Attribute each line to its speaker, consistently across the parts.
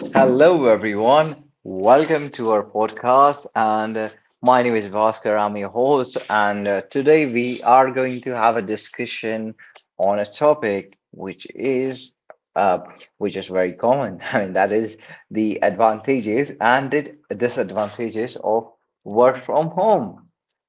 Speaker 1: Hello, everyone. Welcome to our podcast. And My name is Vaskar. I'm your host. And Today we are going to have a discussion on a topic which is uh, very common. I mean, that is the advantages and the disadvantages of work from home.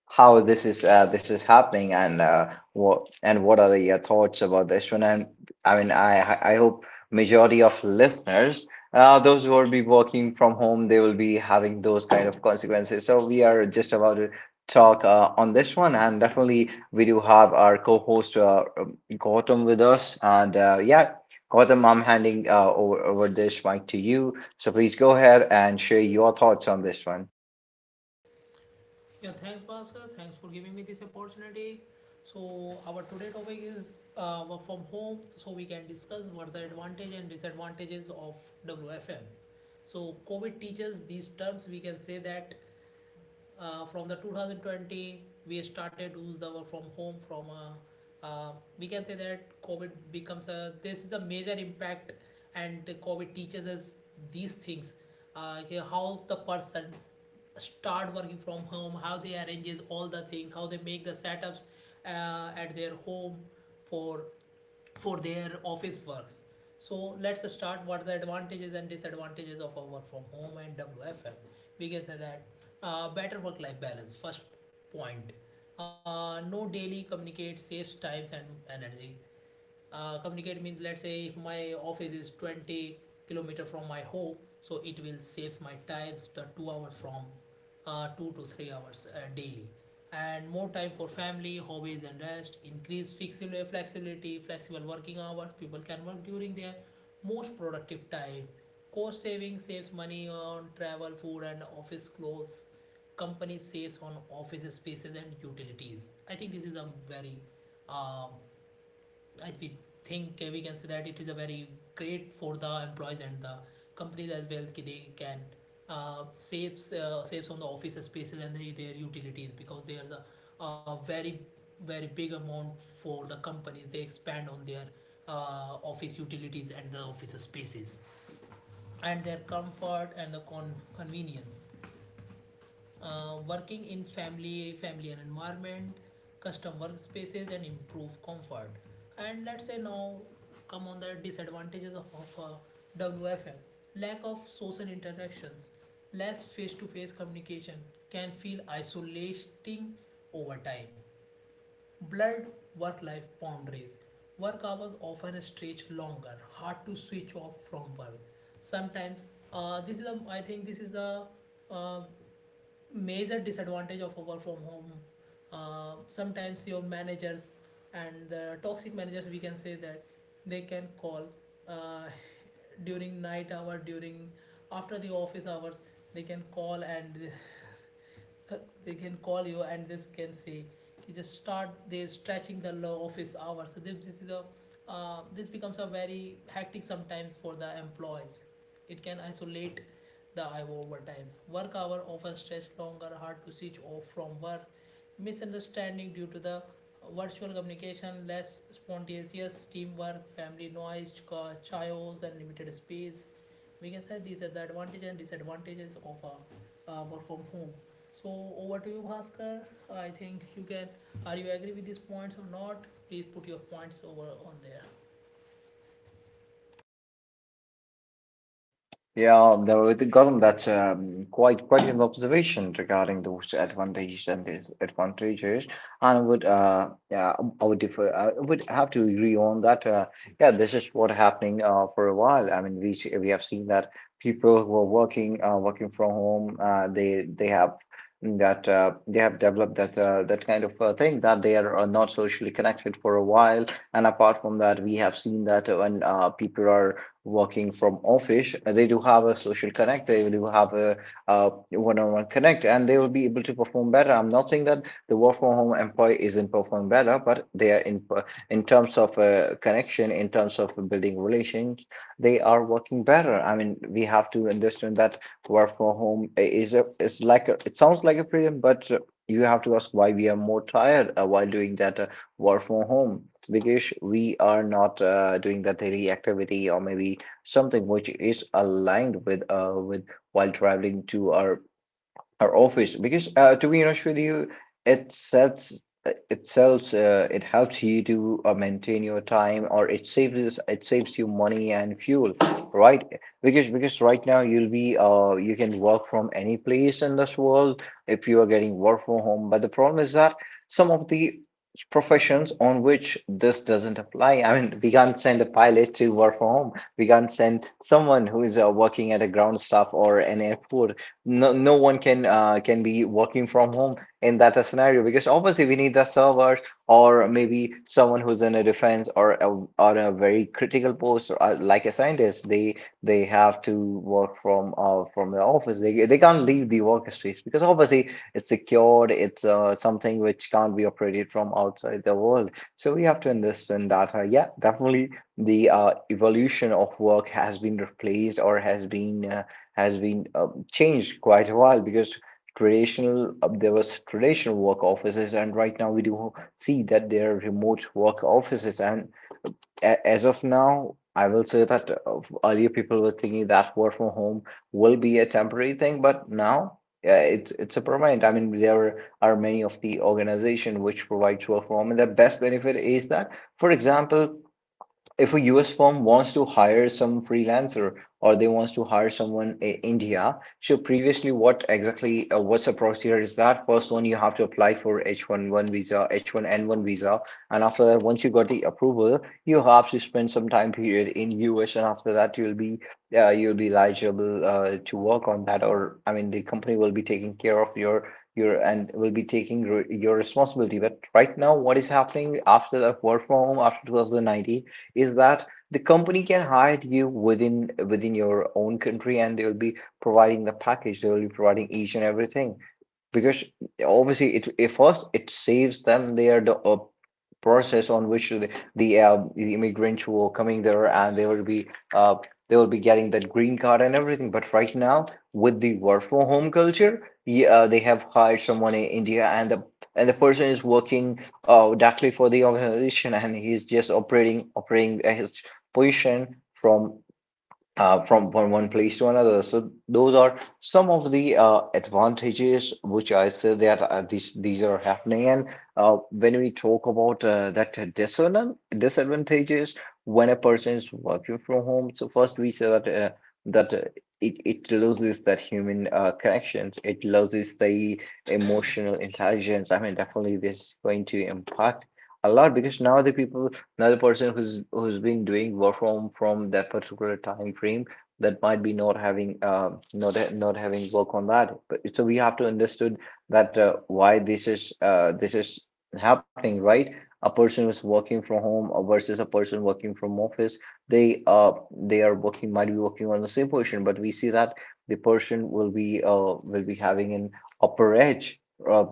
Speaker 1: How this is happening, and what and what are your thoughts about this one? And I mean, I hope majority of listeners those who will be working from home, they will be having those kind of consequences. So we are just about to talk on this one, and definitely we do have our co-host Gautam with us. And Yeah, Gautam, I'm handing over, over this mic to you. So please go ahead and share your thoughts on this one.
Speaker 2: Yeah, thanks, Bhaskar. Thanks for giving me this opportunity. So, our today topic is work from home. So, we can discuss what's the advantage and disadvantages of WFM. So, COVID teaches these terms. We can say that from the 2020 we started to use the work from home from uh, we can say that COVID becomes a this is a major impact, and COVID teaches us these things, uh, how the person start working from home, how they arranges all the things, how they make the setups at their home for their office works. So let's start what are the advantages and disadvantages of our work from home and WFM. We can say that better work-life balance, first point. No daily communicate, saves time and energy. Communicate means, let's say if my office is 20-kilometer from my home, so it will saves my times the 2 hour from 2 to 3 hours daily. And more time for family, hobbies and rest. Increase flexibility, flexible working hours, people can work during their most productive time. Cost saving, saves money on travel, food and office clothes. Company saves on office spaces and utilities. I think this is a very, um, I think, we can say that it is a very great for the employees and the companies as well. That they can saves on the office spaces and their utilities, because they are the very very big amount for the companies. They expand on their office utilities and the office spaces. And their comfort and convenience, working in family familiar environment, custom workspaces and improve comfort. And let's say now come on the disadvantages of WFM. Lack of social interactions, less face-to-face communication can feel isolating over time. Blurred work-life boundaries, work hours often stretch longer, hard to switch off from work sometimes. Uh, this is a i think this is a uh, major disadvantage of a work from home. Sometimes your managers and the toxic managers, we can say that, they can call, uh, during night hour, during after the office hours, they can call, and uh, they can call you, and this can say you just start they stretching the office hours. So this is a, this becomes a very hectic sometimes for the employees. It can isolate the overtimes, work hour often stretch longer, hard to switch off from work. Misunderstanding due to the virtual communication, less spontaneous teamwork, family noise, chaos and limited space. We can say these are the advantages and disadvantages of work from home. So over to you, Bhaskar. I think you can, are you agree with these points or not? Please put your points over on there.
Speaker 1: Yeah, though it Gautam, that's quite an observation regarding those advantages and disadvantages, and I would yeah I would differ I would have to agree on that. Yeah, this is what happening for a while. I mean, we have seen that people who are working working from home they have that they have developed that that kind of thing that they are, not socially connected for a while, and apart from that, we have seen that when people are working from office, they do have a social connect, they do have a one-on-one connect, and they will be able to perform better. I'm not saying that the work from home employee isn't performing better, but they are in terms of connection, in terms of building relations, they are working better. I mean, we have to understand that work from home is a is like a, it sounds like a freedom, but you have to ask why we are more tired while doing that work from home because we are not doing that daily activity or maybe something which is aligned with while traveling to our office, because to be honest with you, it sells, it helps you to maintain your time, or it saves you money and fuel, right? Because right now you'll be you can work from any place in this world if you are getting work from home. But the problem is that some of the professions on which this doesn't apply. I mean, we can't send a pilot to work from home. We can't send someone who is working at a ground staff or an airport, no no one can be working from home in that scenario because obviously we need the servers or maybe someone who's in a defense or a very critical post, or like a scientist, they have to work from the office, they can't leave the workspace because obviously it's secured, it's something which can't be operated from outside the world, so we have to invest in data. Yeah, definitely the evolution of work has been replaced or has been changed quite a while because traditional there was traditional work offices, and right now we do see that there are remote work offices, and as of now I will say that earlier people were thinking that work from home will be a temporary thing, but now it's a permanent, I mean there are many of the organization which provides work from home, and the best benefit is that, for example, if a US firm wants to hire some freelancer or they wants to hire someone in India, so previously what exactly what's the procedure is that first one you have to apply for H1-1 visa, H1N1 visa, and after that once you got the approval, you have to spend some time period in US, and after that you'll be eligible to work on that, or I mean the company will be taking care of your and will be taking re your responsibility. But right now, what is happening after the work from home after 2019? Is that the company can hire you within your own country, and they will be providing the package, they will be providing each and everything, because obviously it, it first it saves them their the process on which the the immigrants who are coming there, and uh, they will be getting that green card and everything, but right now with the work from home culture, yeah, they have hired someone in India, and the person is working directly for the organization, and he's just operating his position from from one place to another. So those are some of the advantages which I said that these are happening. And When we talk about that disadvantages, when a person is working from home, so first we say that that uh, it it loses that human connections. It loses the emotional intelligence. I mean, definitely this is going to impact a lot because now the people another person who's who's been doing work from that particular time frame, that might be not having not having work on that, but so we have to understood that why this is happening, right? A person who's working from home versus a person working from office, they uh they are working, might be working on the same position, but we see that the person will be having an upper edge, uh,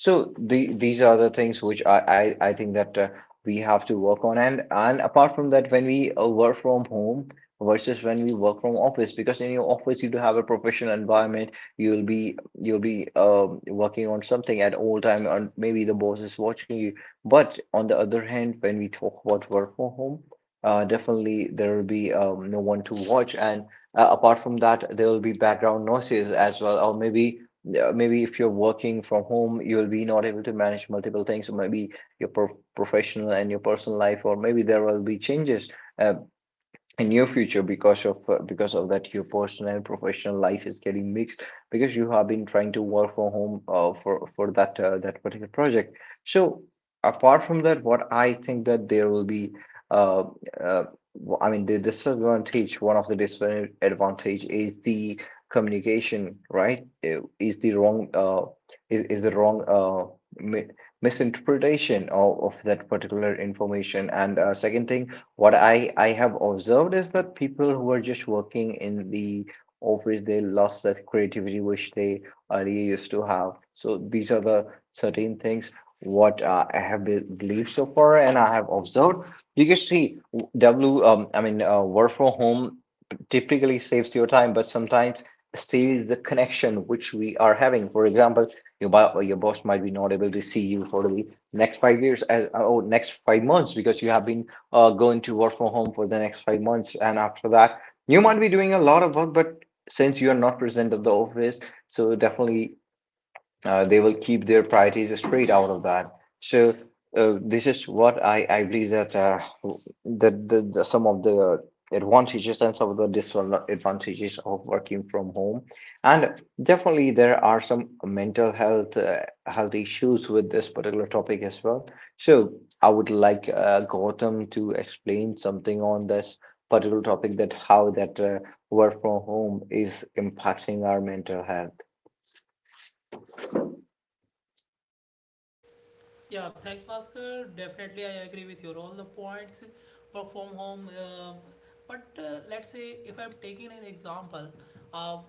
Speaker 1: so the, these are the things which I think that we have to work on, and apart from that when we work from home versus when we work from office, because in your office you do have a professional environment, you'll be working on something at all time, and maybe the boss is watching you, but on the other hand when we talk about work from home, definitely there will be no one to watch, and apart from that there will be background noises as well, or maybe if you're working from home you'll be not able to manage multiple things, or maybe your professional and your personal life, or maybe there will be changes uh, in your future because of that your personal and professional life is getting mixed because you have been trying to work from home for that that particular project. So apart from that, what I think that there will be uh, uh, I mean the disadvantage one of the disadvantage is the communication, right? Is the wrong mi misinterpretation of that particular information, and second thing what I have observed is that people who are just working in the office, they lost that creativity which they earlier used to have. So these are the certain things what I have be believed so far, and I have observed. You can see w- W. I mean, work from home typically saves your time, but sometimes steals the connection which we are having. For example, your your boss might be not able to see you for the next 5 years as oh next 5 months because you have been going to work from home for the next 5 months. And after that, you might be doing a lot of work, but since you're not present at the office, so definitely they will keep their priorities straight out of that. So this is what I believe that the, some of the advantages and some of the disadvantages of working from home, and definitely there are some mental health health issues with this particular topic as well. So I would like Gautam to explain something on this particular topic that how that work from home is impacting our mental health.
Speaker 2: Yeah, thanks, Bhaskar. Definitely, I agree with your all the points. Work from home, but let's say if I'm taking an example, uh,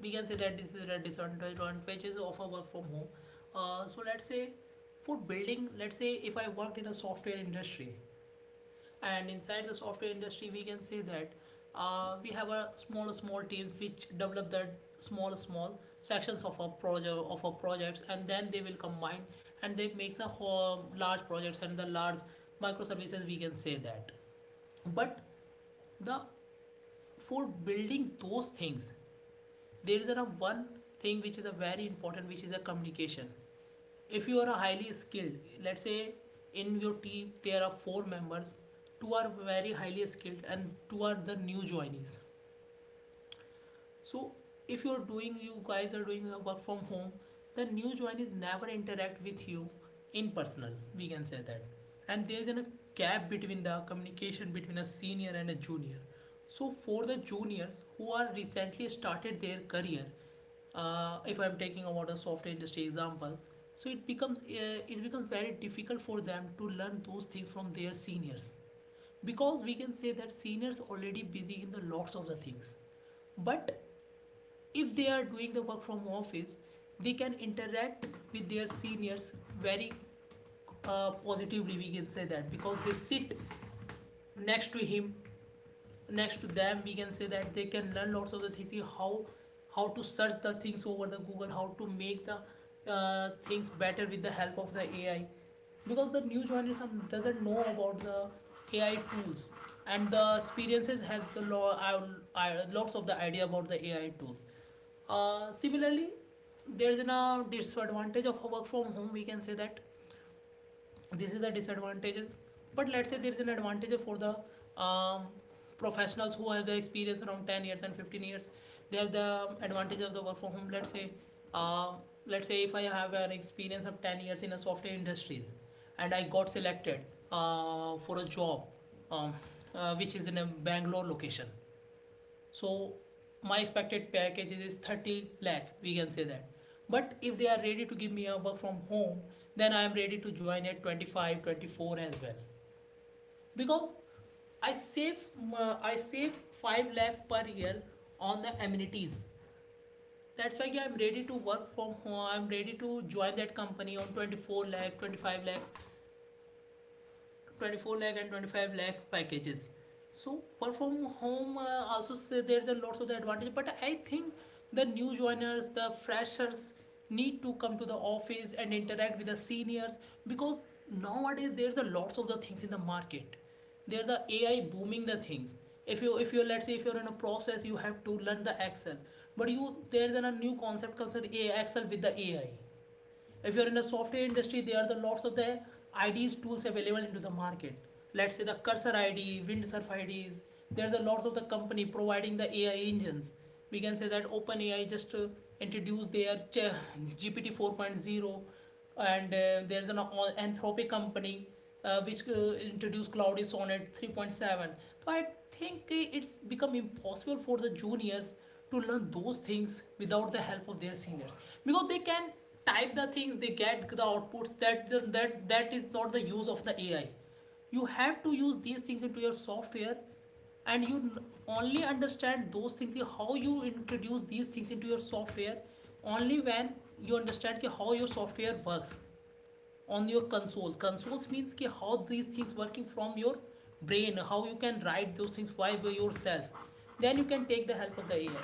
Speaker 2: we can say that this is a disadvantages of a work from home. So let's say for building, let's say if I worked in a software industry, and inside the software industry we can say that we have a small small teams which develop that small small sections of a projects, and then they will combine and they makes a whole large projects and the large microservices, we can say that. But the for building those things there is a one thing which is a very important, which is a communication. If you are a highly skilled, let's say in your team there are 4 members, two are very highly skilled and two are the new joinees. So if you're doing, you guys are doing the work from home, the new join is never interact with you in personal. We can say that, and there is a gap between the communication between a senior and a junior. So for the juniors who are recently started their career, if I'm taking about a software industry example, so it becomes very difficult for them to learn those things from their seniors, because we can say that seniors already busy in the lots of the things. But if they are doing the work from office, they can interact with their seniors very positively, we can say that, because they sit next to him next to them, we can say that they can learn lots of the things, how how to search the things over the Google, how to make the things better with the help of the AI, because the new generation doesn't know about the AI tools, and the experiences have the lo- I, lots of the idea about the AI tools. Similarly, there is a disadvantage of work from home, we can say that this is the disadvantages. But let's say there's an advantage for the um, professionals who have the experience around 10 years and 15 years, they have the advantage of the work from home. Um, let's say if I have an experience of 10 years in a software industries, and I got selected for a job, um, which is in a Bangalore location, so my expected package is 30 lakh, we can say that. But if they are ready to give me a work from home, then I am ready to join at 25, 24 as well. Because I save, I save 5 lakh per year on the amenities. That's why I'm ready to work from home. I'm ready to join that company on 24 lakh, 25 lakh, 24 lakh and 25 lakh packages. So work from home also say there's a lot of the advantage. But I think the new joiners, the freshers, need to come to the office and interact with the seniors, because nowadays there's a lots of the things in the market. There's the AI booming the things. If you let's say if you're in a process, you have to learn the Excel. But you there's a new concept called A I Excel with the AI. If you're in the software industry, there are the lots of the ids tools available into the market. Let's say the cursor id, windsurf ids, there are the lots of the company providing the AI engines, we can say that. OpenAI just introduced their GPT four point zero, and there's Anthropic company, which introduced Cloudy Sonnet 3.7. So I think it's become impossible for the juniors to learn those things without the help of their seniors, because they can type the things, they get the outputs. That is not the use of the AI. You have to use these things into your software, and you only understand those things कि how you introduce these things into your software, only when you understand कि how your software works on your consoles, means कि how these things working from your brain, how you can write those things by yourself, then you can take the help of the AI.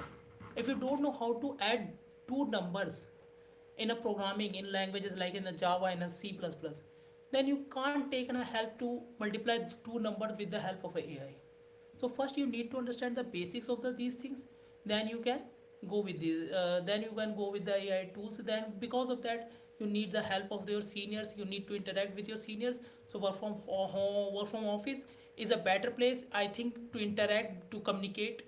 Speaker 2: If you don't know how to add two numbers in a programming in languages, like in a Java, in a C plus plus, then you can't take a help to multiply two numbers with the help of an a AI. So first you need to understand the basics of these things, then you can go with the AI tools. Then because of that you need the help of your seniors, you need to interact with your seniors. So work from home, work from office is a better place, I think, to interact,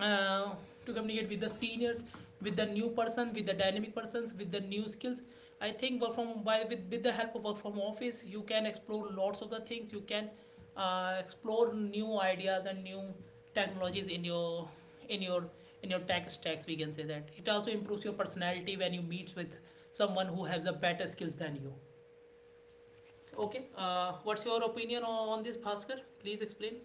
Speaker 2: uh, to communicate with the seniors, with the new person, with the dynamic persons, with the new skills. I think work from by with the help of work from office, you can explore lots of the things, you can explore new ideas and new technologies in your in your tech stacks, we can say that. It also improves your personality when you meet with someone who has a better skills than you. Okay, what's your opinion on this, Bhaskar? Please explain.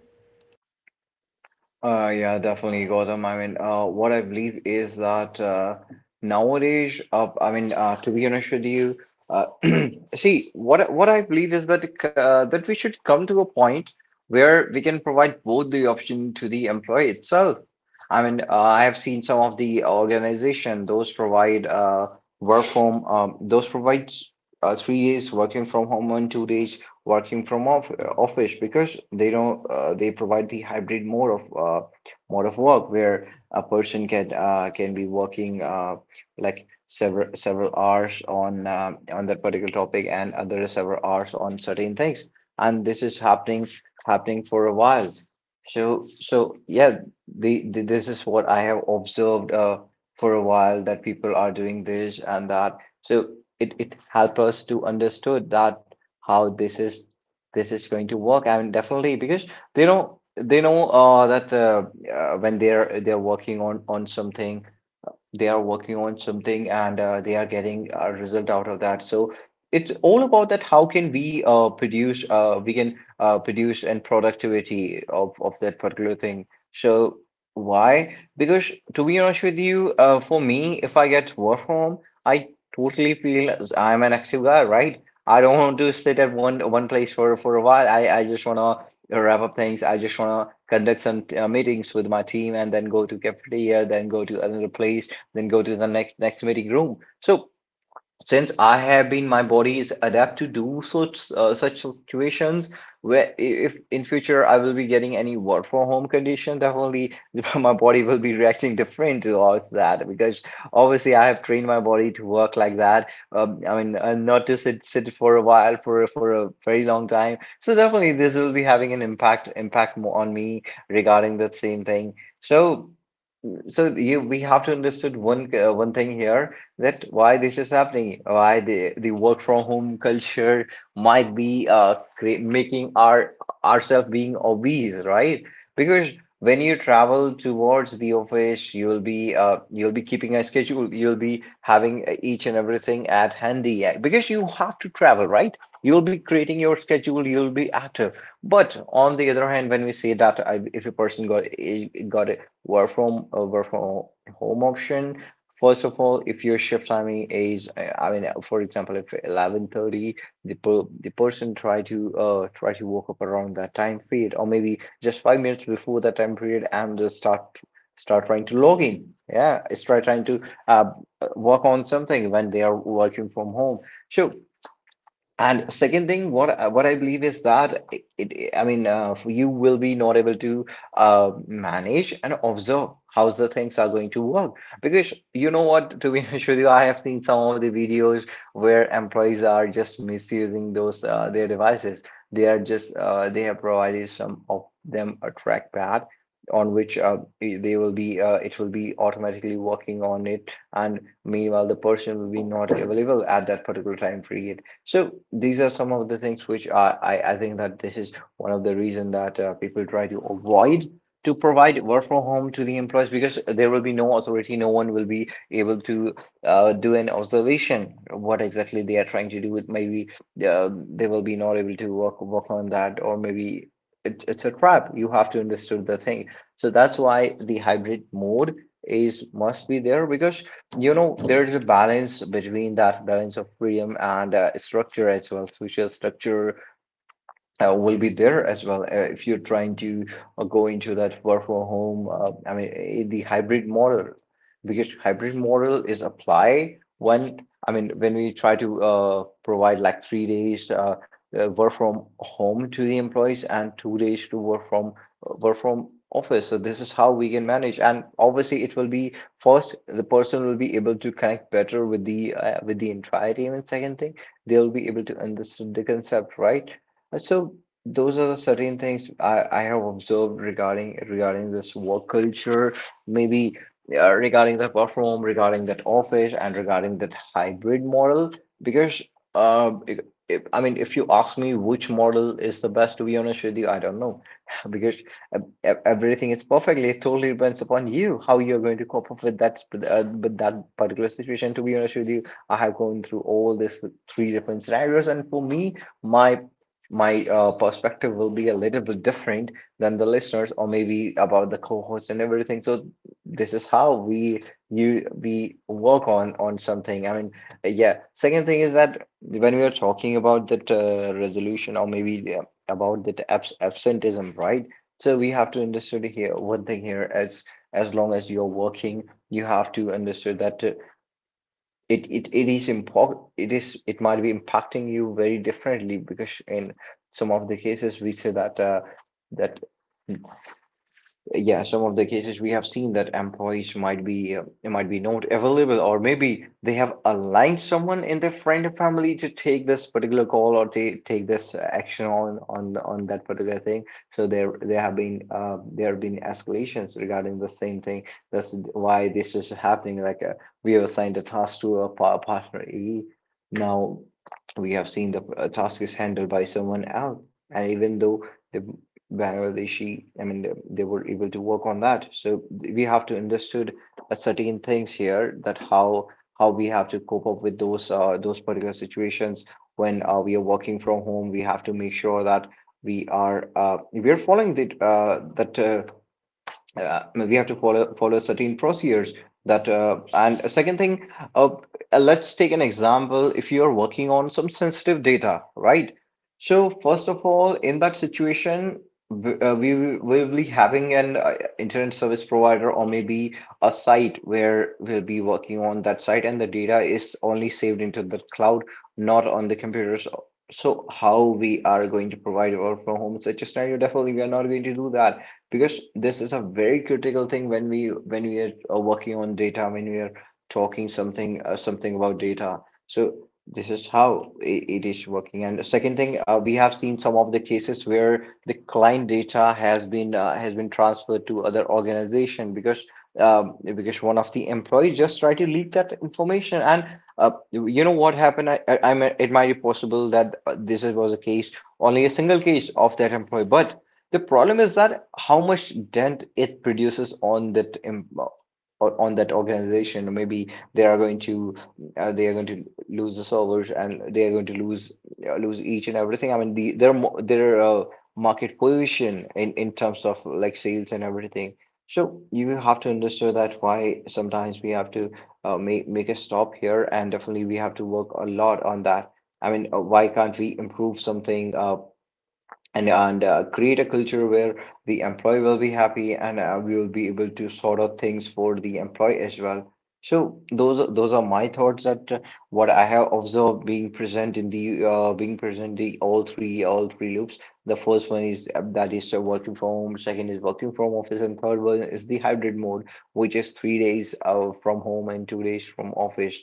Speaker 1: Yeah, definitely, Gautam. I mean, what I believe is that nowadays, I mean, to be honest with you, uh, see, what I believe is that that we should come to a point where we can provide both the option to the employee itself. I mean, I have seen some of the organization those provide work from those provides 3 days working from home and 2 days working from office because they don't they provide the hybrid mode of uh, work where a person can be working like several hours on on that particular topic and other several hours on certain things, and this is happening for a while. So yeah, the this is what I have observed for a while, that people are doing this and that. So it helps us to understood that how this is going to work. I mean, definitely, because they know that when they're working on something, they are working on something and they are getting a result out of that. So it's all about that. How can we produce? We can produce and productivity of that particular thing. So why? Because to be honest with you, for me, if I get work from home, I totally feel as I'm an active guy, right? I don't want to sit at one place for a while. I just wanna wrap up things. I just wanna conduct some meetings with my team and then go to cafeteria, then go to another place, then go to the next meeting room. So since I have been, my body is adapt to do such situations where if in future I will be getting any work from home condition, definitely my body will be reacting different towards that, because obviously I have trained my body to work like that. I mean, not to sit for a while for a very long time. So definitely this will be having an impact on me regarding that same thing. So so you we have to understand one thing here, that why this is happening, why the work from home culture might be cre making our ourselves being obese, right? Because when you travel towards the office, you'll be keeping a schedule, you'll be having each and everything at handy because you have to travel, right? You'll be creating your schedule, you'll be active. But on the other hand, when we say that if a person got work from home option. First of all, if your shift timing is, I mean, for example, if 11:30, the person try to woke up around that time period, or maybe just 5 minutes before that time period, and just start trying to log in. Yeah, start trying to uh work on something when they are working from home. Sure, and second thing, what I believe is that it I mean, you will be not able to manage and observe how the things are going to work. Because you know what, to be honest with you, I have seen some of the videos where employees are just misusing those their devices. They are just they have provided some of them a trackpad on which they will be it will be automatically working on it, and meanwhile the person will be not available at that particular time period. So these are some of the things which I think that this is one of the reason that people try to avoid to provide work from home to the employees, because there will be no authority, no one will be able to do an observation of what exactly they are trying to do, with maybe they will be not able to work on that, or maybe it's a trap. You have to understand the thing. So that's why the hybrid mode is must be there, because you know, there's a balance between that balance of freedom and structure as well, social structure will be there as well if you're trying to go into that work from home the hybrid model, because hybrid model is applied when when we try to provide like 3 days work from home to the employees and 2 days to work from office. So this is how we can manage, and obviously it will be first the person will be able to connect better with the entire team, and second thing, they'll be able to understand the concept, right? So those are the certain things I have observed regarding this work culture, maybe regarding the perform, regarding that office, and regarding that hybrid model. Because uh, if, I mean, if you ask me which model is the best, to be honest with you, I don't know, because everything is perfectly. It totally depends upon you how you're going to cope up with that with that particular situation. To be honest with you, I have gone through all these three different scenarios, and for me, my my perspective will be a little bit different than the listeners, or maybe about the cohorts and everything. So this is how we work on something. I mean, yeah, second thing is that when we are talking about that resolution, or maybe the, about that absenteeism, right? So we have to understand here one thing here, as long as you're working, you have to understand that it is important, it is, it might be impacting you very differently, because in some of the cases we say that that yeah, some of the cases we have seen that employees might be not available, or maybe they have aligned someone in their friend or family to take this particular call, or to take this action on that particular thing. So there have been escalations regarding the same thing. That's why this is happening. Like we have assigned a task to a pa partner A. Now we have seen the task is handled by someone else, and even though the Bangladeshi, I mean, they were able to work on that. So we have to understood certain things here, that how we have to cope up with those particular situations when we are working from home. We have to make sure that we are following the that we have to follow certain procedures, that and a second thing uh, let's take an example, if you're working on some sensitive data, right? So first of all, in that situation, we will we'll be having an internet service provider, or maybe a site where we'll be working on that site, and the data is only saved into the cloud, not on the computers. So how we are going to provide work from home such a scenario? Definitely we are not going to do that, because this is a very critical thing when we are working on data, when we are talking something something about data. So this is how it is working. And the second thing, we have seen some of the cases where the client data has been transferred to other organization, because one of the employees just tried to leak that information. And you know what happened, I mean, it might be possible that this was a case, only a single case of that employee, but the problem is that how much dent it produces on that em- or on that organization. Maybe they are going to lose the servers, and they are going to lose each and everything. I mean, the their market position in terms of like sales and everything. So you have to understand that why sometimes we have to make a stop here, and definitely we have to work a lot on that. I mean, why can't we improve something? And create a culture where the employee will be happy, and we will be able to sort out things for the employee as well. So those are my thoughts that what I have observed being present in the being present the all three loops. The first one is that is working from home. Second is working from office, and third one is the hybrid mode, which is 3 days from home and 2 days from office.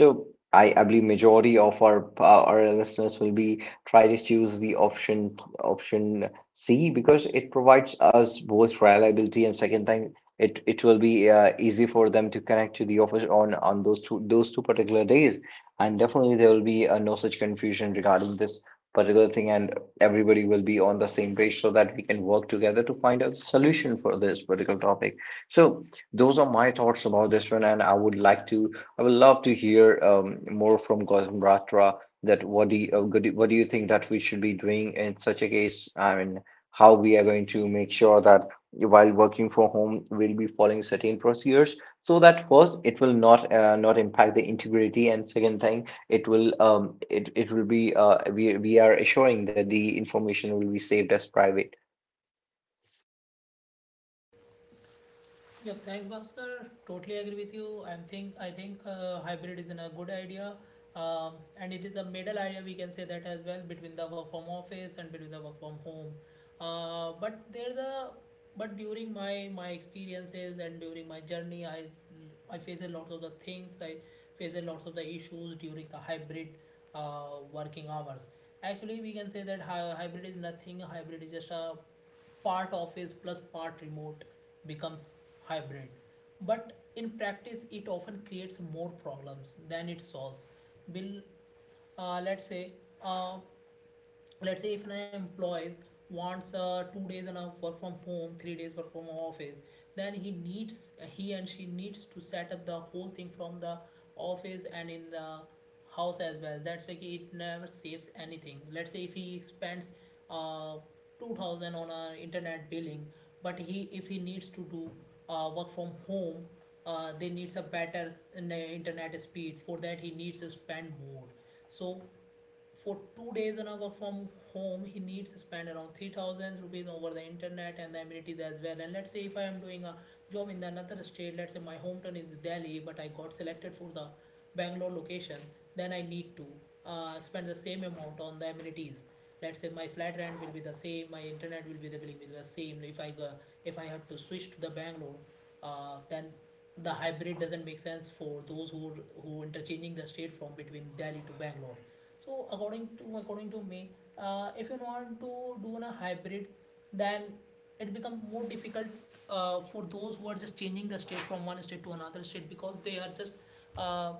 Speaker 1: So I believe majority of our listeners will be try to choose the option C because it provides us both reliability, and second thing, it will be easy for them to connect to the office on those two particular days, and definitely there will be no such confusion regarding this particular thing, and everybody will be on the same page so that we can work together to find out the solution for this particular topic. So those are my thoughts about this one, and I would love to hear more from Gautam Rathra. That what do what do you think that we should be doing in such a case? I mean, how we are going to make sure that while working from home, we'll be following certain procedures so that first it will not impact the integrity, and second thing, it will it will be we are assuring that the information will be saved as private.
Speaker 2: Yeah, thanks, Bhaskar. Totally agree with you. I think hybrid is a good idea, and it is a middle idea we can say that as well, between the work from office and between the work from home. But there's a but during my experiences, and during my journey, I face a lot of the things. I face a lot of the issues during the hybrid working hours. Actually, we can say that hybrid is nothing. Hybrid is just a part office plus part remote becomes hybrid. But in practice, it often creates more problems than it solves. Will let's say uh, if an employee wants 2 days and a work from home 3 days work from office, then he and she needs to set up the whole thing from the office and in the house as well. That's why it never saves anything. Let's say if he spends uh, 2000 on a internet billing, but he if he needs to do work from home, they needs a better internet speed. For that he needs to spend more, so for 2 days on a work from home he needs to spend around 3000 rupees over the internet and the amenities as well. And let's say if I am doing a job in another state, let's say my hometown is Delhi but I got selected for the Bangalore location, then I need to spend the same amount on the amenities. Let's say my flat rent will be the same, my internet will be the billing will be the same if I go if I have to switch to the Bangalore, then the hybrid doesn't make sense for those who interchanging the state from between Delhi to Bangalore. So according to me, if you want to do a hybrid, then it become more difficult for those who are just changing the state from one state to another state, because they are just uh,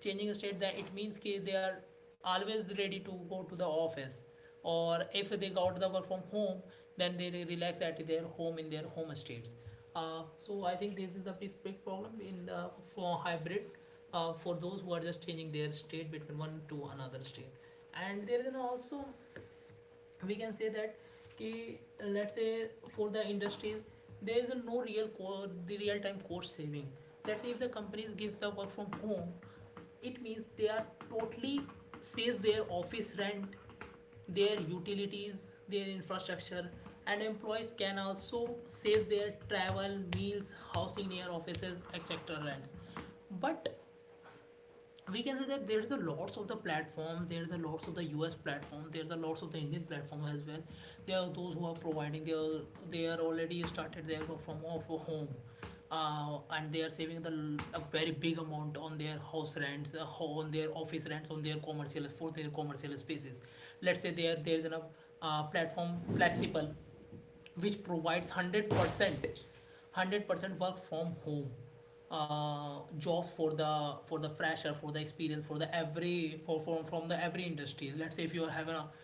Speaker 2: changing the state. That it means that they are always ready to go to the office, or if they got the work from home, then they relax at their home in their home states. So I think this is the big problem in the for hybrid, for those who are just changing their state between one to another state. And there is also we can say that ki, let's say for the industries there is no real core the real time cost saving. Let's say if the companies gives the work from home, it means they are totally save their office rent, their utilities, their infrastructure, and employees can also save their travel, meals, housing near offices, etc., rents. But we can say that there's a lots of the platforms, there's a lots of the US platform, there's a lots of the Indian platform as well. There are those who are providing, they are already started their work from of home, and they are saving the a very big amount on their house rents, on their office rents, on their commercial for their commercial spaces. Let's say there there is a platform flexible which provides 100% 100% work from home, job for the fresher, for the experience, for the every for from the every industries. Let's say if you are having a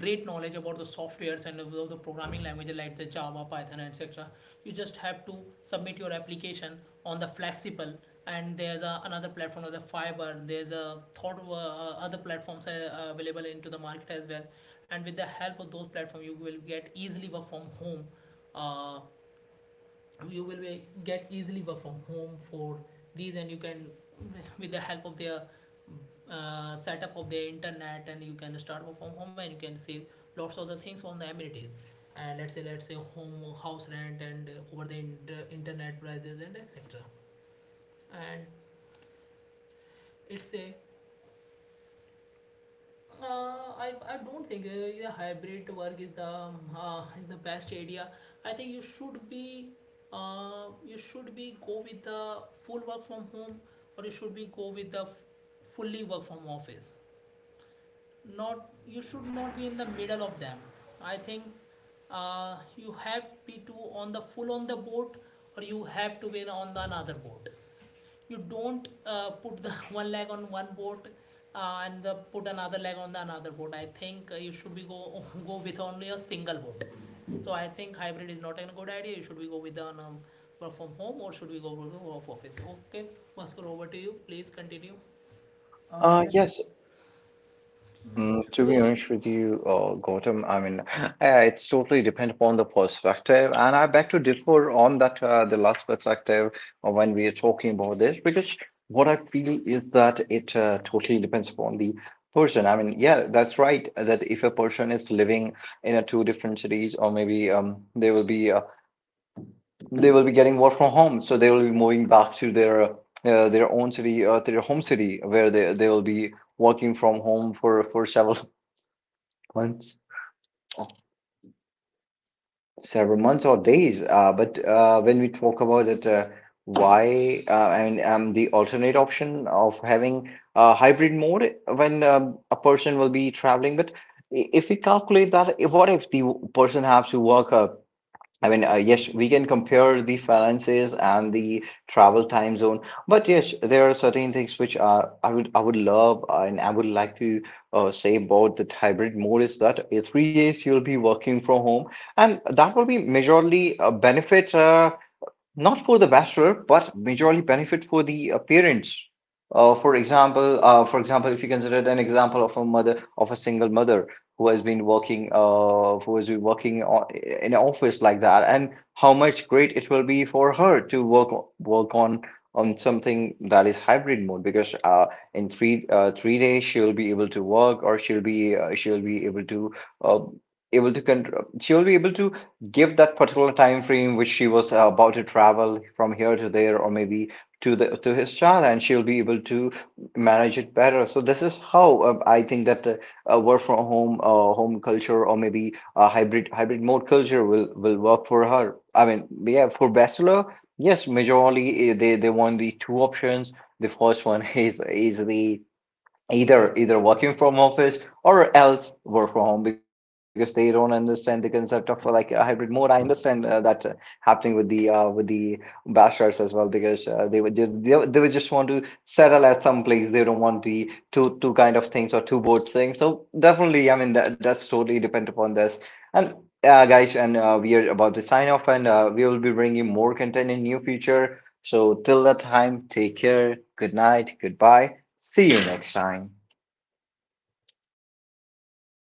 Speaker 2: great knowledge about the softwares and of the programming languages like the Java, Python, etc., you just have to submit your application on the flexible. And there's a another platform of the Fiber, there's a thought other platforms are available into the market as well, and with the help of those platforms you will get easily work from home. uh, you will be get easily work from home for these, and you can with the help of their setup of the internet, and you can start work from home and you can save lots of the things on the amenities. And let's say home house rent and over the internet prices and etc. And it's a I don't think the hybrid work is the best idea. I think you should be go with the full work from home, or you should be go with the fully work from office. Not you should not be in the middle of them. I think you have to be to on the full on the boat, or you have to be on the another boat. You don't put the one leg on one boat, and the put another leg on the another boat. I think you should be go go with only a single boat. So I think hybrid is not a good idea. You should be go with the work from home, or should we go to the work office. Okay, Muscle, over to you, please continue. Yes,
Speaker 1: Yes. Mm, to be honest with you, Gautam, I mean, it's totally depend upon the perspective, and I beg to differ on that, the last perspective when we are talking about this, because what I feel is that it totally depends upon the person. I mean, yeah, that's right. That if a person is living in a two different cities, or maybe they will be getting work from home, so they will be moving back to their own city, to their home city, where they will be working from home for several Months. Oh, several months or days. But When we talk about it, I mean, the alternate option of having a hybrid mode when a person will be traveling. But if we calculate that, if, what if the person has to work I mean, yes, we can compare the finances and the travel time zone, but yes, there are certain things which are I would love and I would like to say about the hybrid mode is that 3 days you'll be working from home, and that will be majorly benefit. Not for the bachelor, but majorly benefit for the parents. For example, if you consider an example of a mother of a single mother who has been working, who has been working in an office like that, and how much great it will be for her to work on something that is hybrid mode, because in 3 days she'll be able to work, or she'll be able to uh, able to control she'll be able to give that particular time frame which she was about to travel from here to there, or maybe to the to his child, and she'll be able to manage it better. So this is how I think that work from home home culture, or maybe a hybrid mode culture will work for her. I mean, yeah, for bachelor, yes, majorly they they want the two options. The first one is the either working from office or else work from home, because they don't understand the concept of like a hybrid mode. I understand that happening with the bachelors as well, because they would just they would just want to settle at some place. They don't want the two kind of things, or two board things. So definitely, I mean, that's totally depend upon this. And guys, and we are about to sign off, and we will be bringing more content in near future. So till that time, take care. Good night. Goodbye. See you next time.